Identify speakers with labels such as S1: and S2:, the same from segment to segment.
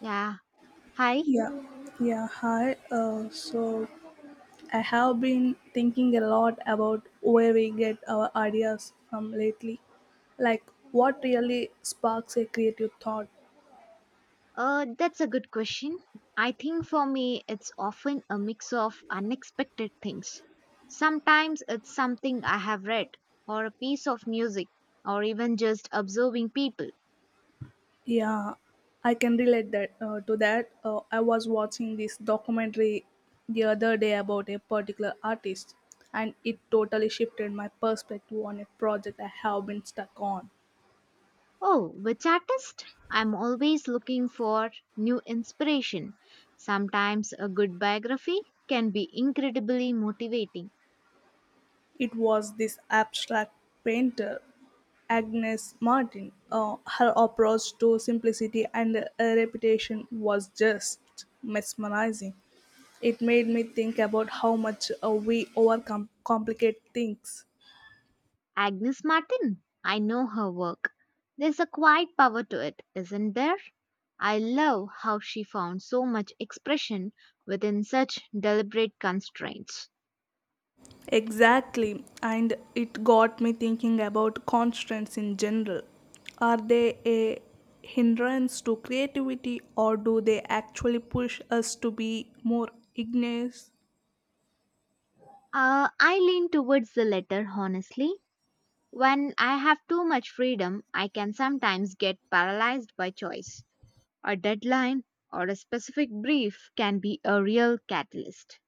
S1: Yeah. Hi.
S2: Yeah, yeah, hi. So I have been thinking a lot about where we get our ideas from lately. Like, what really sparks a creative thought?
S1: That's a good question. I think for me, it's often a mix of unexpected things. Sometimes it's something I have read, or a piece of music, or even just observing people.
S2: Yeah, I can relate that to that. I was watching this documentary the other day about a particular artist, and it totally shifted my perspective on a project I have been stuck on.
S1: Oh, which artist? I'm always looking for new inspiration. Sometimes a good biography can be incredibly motivating.
S2: It was this abstract painter, Agnes Martin. Her approach to simplicity and repetition was just mesmerizing. It made me think about how much we overcomplicate things.
S1: Agnes Martin. I know her work. There's a quiet power to it, isn't there? I love how she found so much expression within such deliberate constraints.
S2: Exactly, and it got me thinking about constraints in general. Are they a hindrance to creativity, or do they actually push us to be more ingenious?
S1: I lean towards the latter, honestly. When I have too much freedom, I can sometimes get paralyzed by choice. A deadline or a specific brief can be a real catalyst.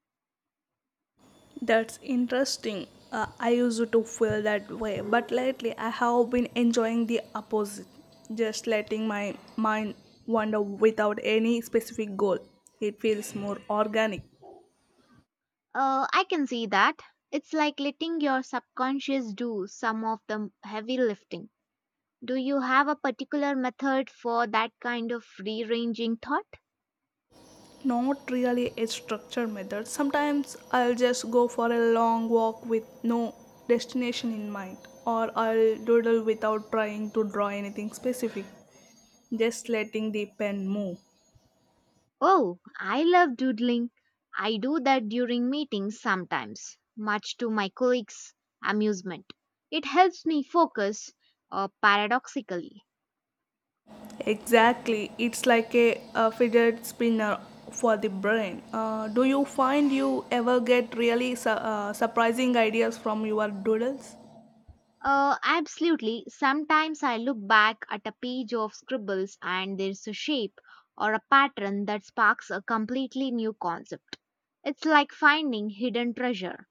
S2: That's interesting. I used to feel that way, but lately I have been enjoying the opposite, just letting my mind wander without any specific goal. It feels more organic,
S1: I can see that. It's like letting your subconscious do some of the heavy lifting. Do you have a particular method for that kind of rearranging thought?
S2: not really a structured method. Sometimes I'll just go for a long walk with no destination in mind, or I'll doodle without trying to draw anything specific, just letting the pen move.
S1: Oh, I love doodling. I do that during meetings sometimes, much to my colleagues' amusement. It helps me focus, paradoxically.
S2: Exactly, it's like a fidget spinner for the brain. Do you find you ever get really surprising ideas from your doodles?
S1: Absolutely. Sometimes I look back at a page of scribbles and there's a shape or a pattern that sparks a completely new concept. It's like finding hidden treasure.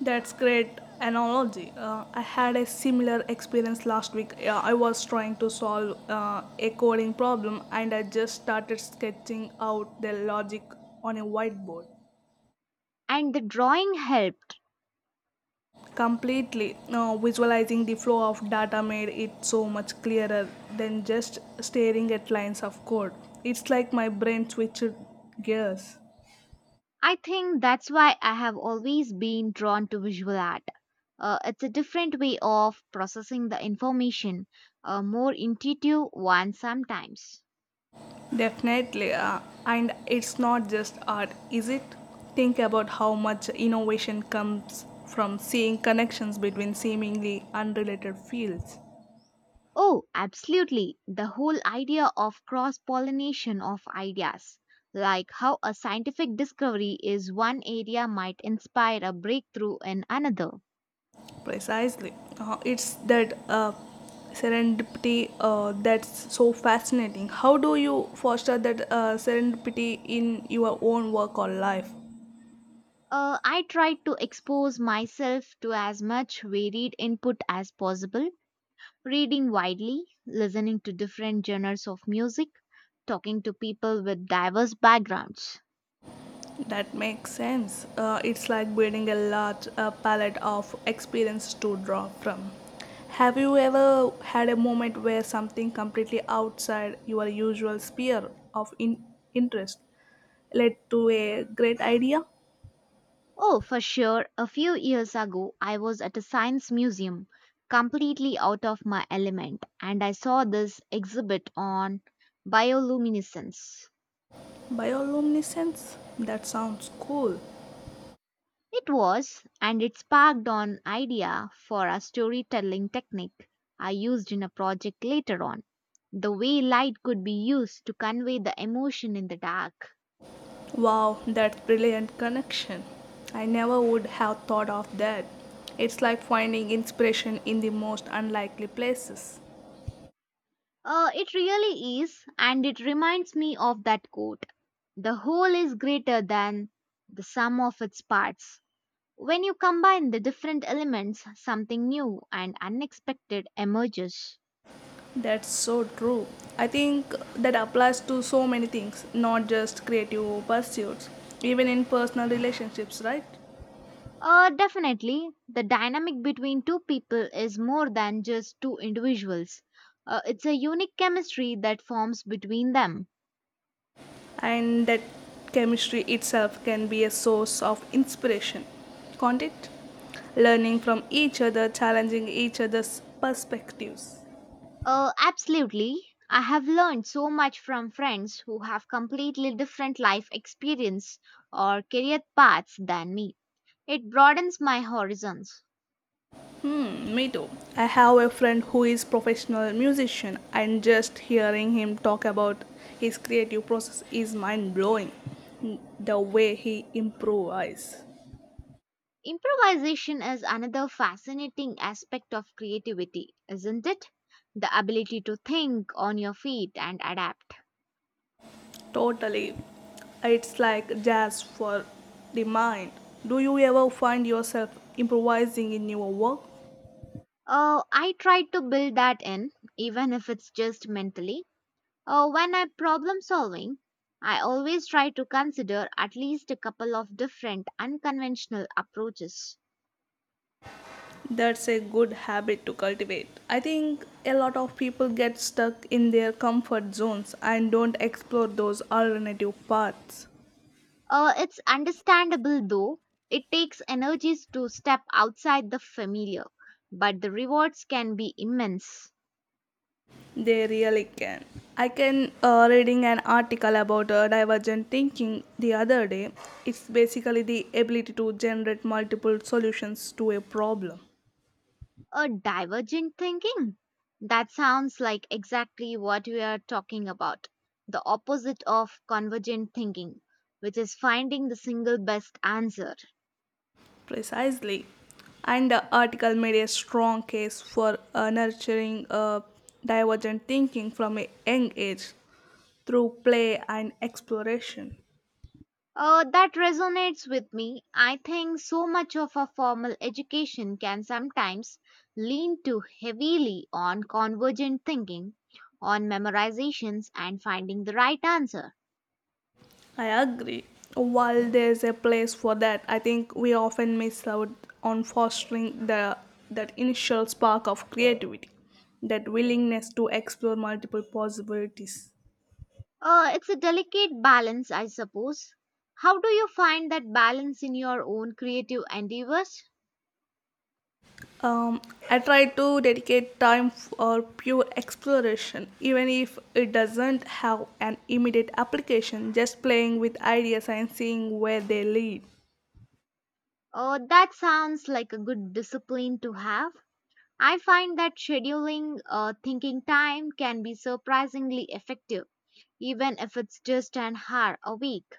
S2: That's great analogy. I had a similar experience last week. Yeah, I was trying to solve a coding problem, and I just started sketching out the logic on a whiteboard.
S1: And the drawing helped.
S2: Completely, no, visualizing the flow of data made it so much clearer than just staring at lines of code. It's like my brain switched gears
S1: I think that's why I have always been drawn to visual art. It's a different way of processing the information, a more intuitive one sometimes.
S2: definitely. And it's not just art, is it? Think about how much innovation comes from seeing connections between seemingly unrelated fields.
S1: Oh, absolutely. The whole idea of cross pollination of ideas, like how a scientific discovery is one area might inspire a breakthrough in another.
S2: Precisely. It's that serendipity that's so fascinating. How do you foster that serendipity in your own work or life?
S1: I tried to expose myself to as much varied input as possible, reading widely, listening to different genres of music, talking to people with diverse backgrounds.
S2: That makes sense. It's like building a large palette of experience to draw from. Have you ever had a moment where something completely outside your usual sphere of interest led to a great idea?
S1: Oh, for sure. A few years ago, I was at a science museum, completely out of my element, and I saw this exhibit on bioluminescence.
S2: Bioluminescence? That sounds cool.
S1: It was, and it sparked an idea for a storytelling technique I used in a project later on. The way light could be used to convey the emotion in the dark.
S2: Wow, that's brilliant connection. I never would have thought of that. It's like finding inspiration in the most unlikely places.
S1: It really is, and it reminds me of that quote, "The whole is greater than the sum of its parts." When you combine the different elements, something new and unexpected emerges.
S2: That's so true. I think that applies to so many things, not just creative pursuits, even in personal relationships, right?
S1: Definitely, the dynamic between two people is more than just two individuals. It's a unique chemistry that forms between them.
S2: And that chemistry itself can be a source of inspiration. Can't it? Learning from each other, challenging each other's perspectives.
S1: Absolutely. I have learned so much from friends who have completely different life experience or career paths than me. It broadens my horizons.
S2: Hmm, me too. I have a friend who is professional musician, and just hearing him talk about his creative process is mind blowing. The way he improvises.
S1: Improvisation is another fascinating aspect of creativity, isn't it? The ability to think on your feet and adapt.
S2: Totally. It's like jazz for the mind. Do you ever find yourself improvising in your work?
S1: I try to build that in, even if it's just mentally. When I problem solving, I always try to consider at least a couple of different unconventional approaches.
S2: That's a good habit to cultivate. I think a lot of people get stuck in their comfort zones and don't explore those alternative paths.
S1: It's understandable though, it takes energies to step outside the familiar, but the rewards can be immense.
S2: They really can. I can reading an article about divergent thinking the other day. It's basically the ability to generate multiple solutions to a problem.
S1: A divergent thinking? That sounds like exactly what we are talking about, the opposite of convergent thinking, which is finding the single best answer.
S2: Precisely. And the article made a strong case for nurturing divergent thinking from a young age through play and exploration.
S1: That resonates with me. I think so much of a formal education can sometimes lean too heavily on convergent thinking, on memorizations, and finding the right answer.
S2: I agree. While there's a place for that, I think we often miss out on fostering the that initial spark of creativity, that willingness to explore multiple possibilities.
S1: It's a delicate balance, I suppose. How do you find that balance in your own creative endeavors?
S2: Um, I try to dedicate time for pure exploration, even if it doesn't have an immediate application, just playing with ideas and seeing where they lead.
S1: That sounds like a good discipline to have. I find that scheduling thinking time can be surprisingly effective even if it's just an hour a week.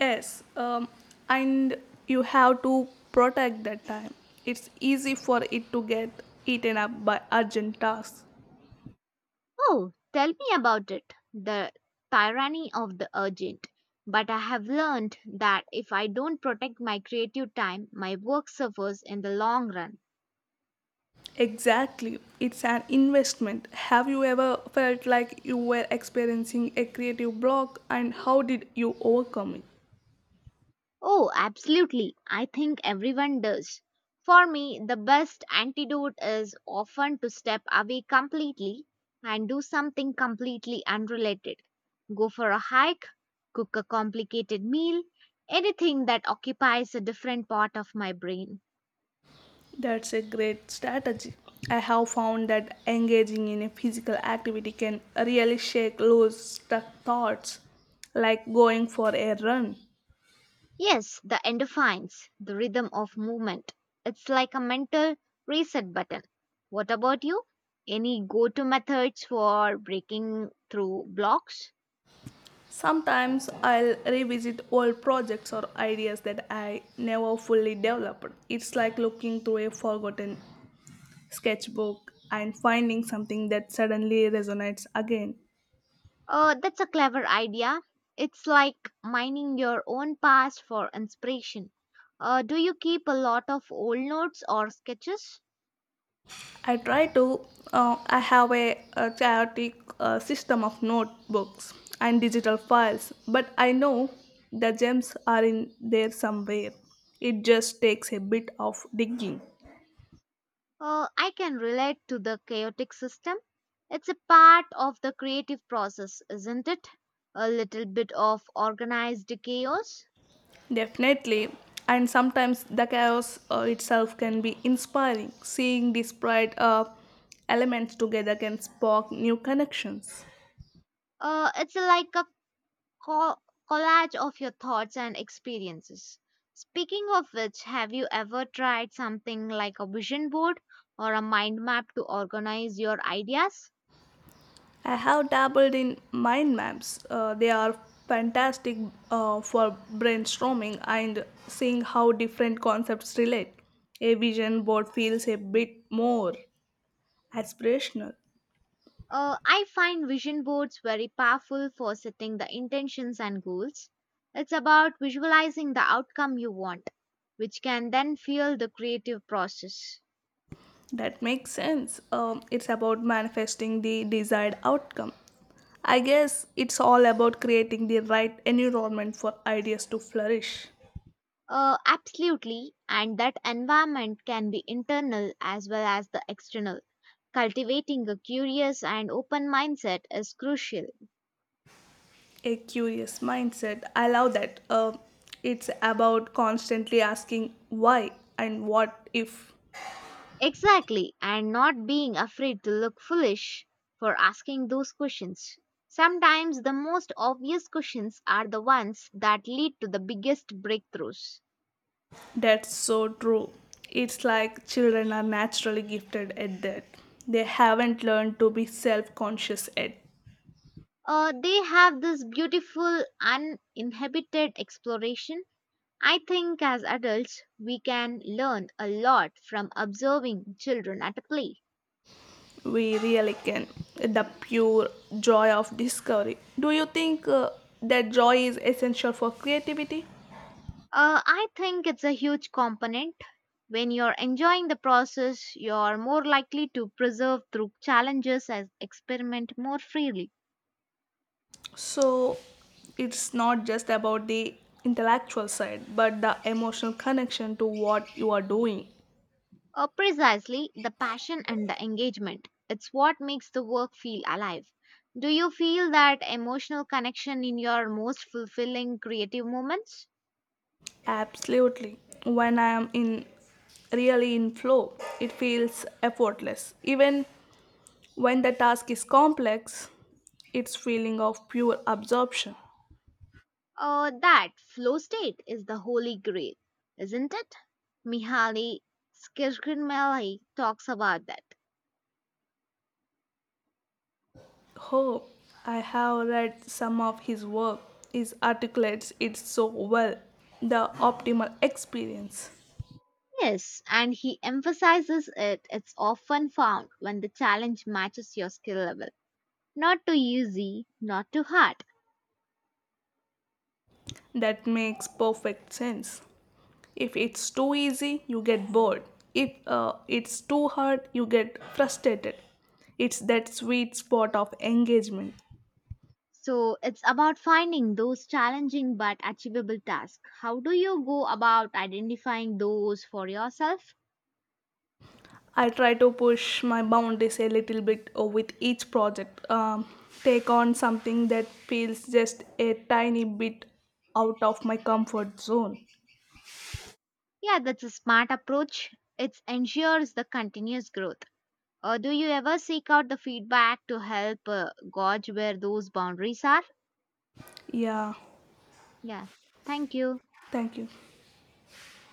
S2: Yes, and you have to protect that time. It's easy for it to get eaten up by urgent tasks.
S1: Oh, tell me about it. The tyranny of the urgent. But I have learned that if I don't protect my creative time, my work suffers in the long run.
S2: Exactly, it's an investment. Have you ever felt like you were experiencing a creative block, and how did you overcome it?
S1: Oh, absolutely. I think everyone does. For me, the best antidote is often to step away completely and do something completely unrelated. Go for a hike, cook a complicated meal, anything that occupies a different part of my brain.
S2: That's a great strategy. I have found that engaging in a physical activity can really shake loose stuck thoughts, like going for a run.
S1: Yes, the endorphins, the rhythm of movement. It's like a mental reset button. What about you? Any go to methods for breaking through blocks?
S2: Sometimes I'll revisit old projects or ideas that I never fully developed. It's like looking through a forgotten sketchbook and finding something that suddenly resonates again.
S1: That's a clever idea. It's like mining your own past for inspiration. Do you keep a lot of old notes or sketches?
S2: I try to, I have a chaotic system of notebooks and digital files, but I know the gems are in there somewhere. It just takes a bit of digging.
S1: I can relate to the chaotic system. It's a part of the creative process, isn't it? A little bit of organized chaos.
S2: Definitely. And sometimes the chaos itself can be inspiring. Seeing disparate elements together can spark new connections.
S1: It's like a co- collage of your thoughts and experiences. Speaking of which, have you ever tried something like a vision board or a mind map to organize your ideas?
S2: I have dabbled in mind maps. They are fantastic for brainstorming and seeing how different concepts relate. A vision board feels a bit more aspirational.
S1: I find vision boards very powerful for setting the intentions and goals. It's about visualizing the outcome you want, which can then fuel the creative process.
S2: That makes sense. It's about manifesting the desired outcome. I guess it's all about creating the right environment for ideas to flourish.
S1: Absolutely, and that environment can be internal as well as the external. Cultivating a curious and open mindset is crucial.
S2: A curious mindset. I love that. It's about constantly asking why and what if.
S1: Exactly, and not being afraid to look foolish for asking those questions. Sometimes the most obvious questions are the ones that lead to the biggest breakthroughs.
S2: That's so true. It's like children are naturally gifted at that. They haven't learned to be self conscious yet.
S1: They have this beautiful uninhibited exploration. I think as adults, we can learn a lot from observing children at play.
S2: We really can. The pure joy of discovery. Do you think that joy is essential for creativity?
S1: I think it's a huge component. When you're enjoying the process, you're more likely to persevere through challenges and experiment more freely.
S2: So it's not just about the intellectual side, but the emotional connection to what you are doing.
S1: Precisely, the passion and the engagement. It's what makes the work feel alive. Do you feel that emotional connection in your most fulfilling creative moments?
S2: Absolutely. When I am in really in flow, it feels effortless. Even when the task is complex, it's feeling of pure absorption.
S1: That flow state is the holy grail, isn't it? Mihaly Csikszentmihalyi talks about that.
S2: Oh, I have read some of his work. It articulates it so well. The optimal experience.
S1: Yes, and he emphasizes it. It's often found when the challenge matches your skill level. Not too easy, not too hard.
S2: That makes perfect sense. If it's too easy, you get bored. If it's too hard, you get frustrated. It's that sweet spot of engagement.
S1: So it's about finding those challenging but achievable tasks. How do you go about identifying those for yourself?
S2: I try to push my boundaries a little bit with each project. Take on something that feels just a tiny bit out of my comfort zone.
S1: Yeah, that's a smart approach. It ensures the continuous growth. Do you ever seek out the feedback to help gauge where those boundaries are?
S2: Yeah,
S1: Yeah. Thank you.
S2: thank you.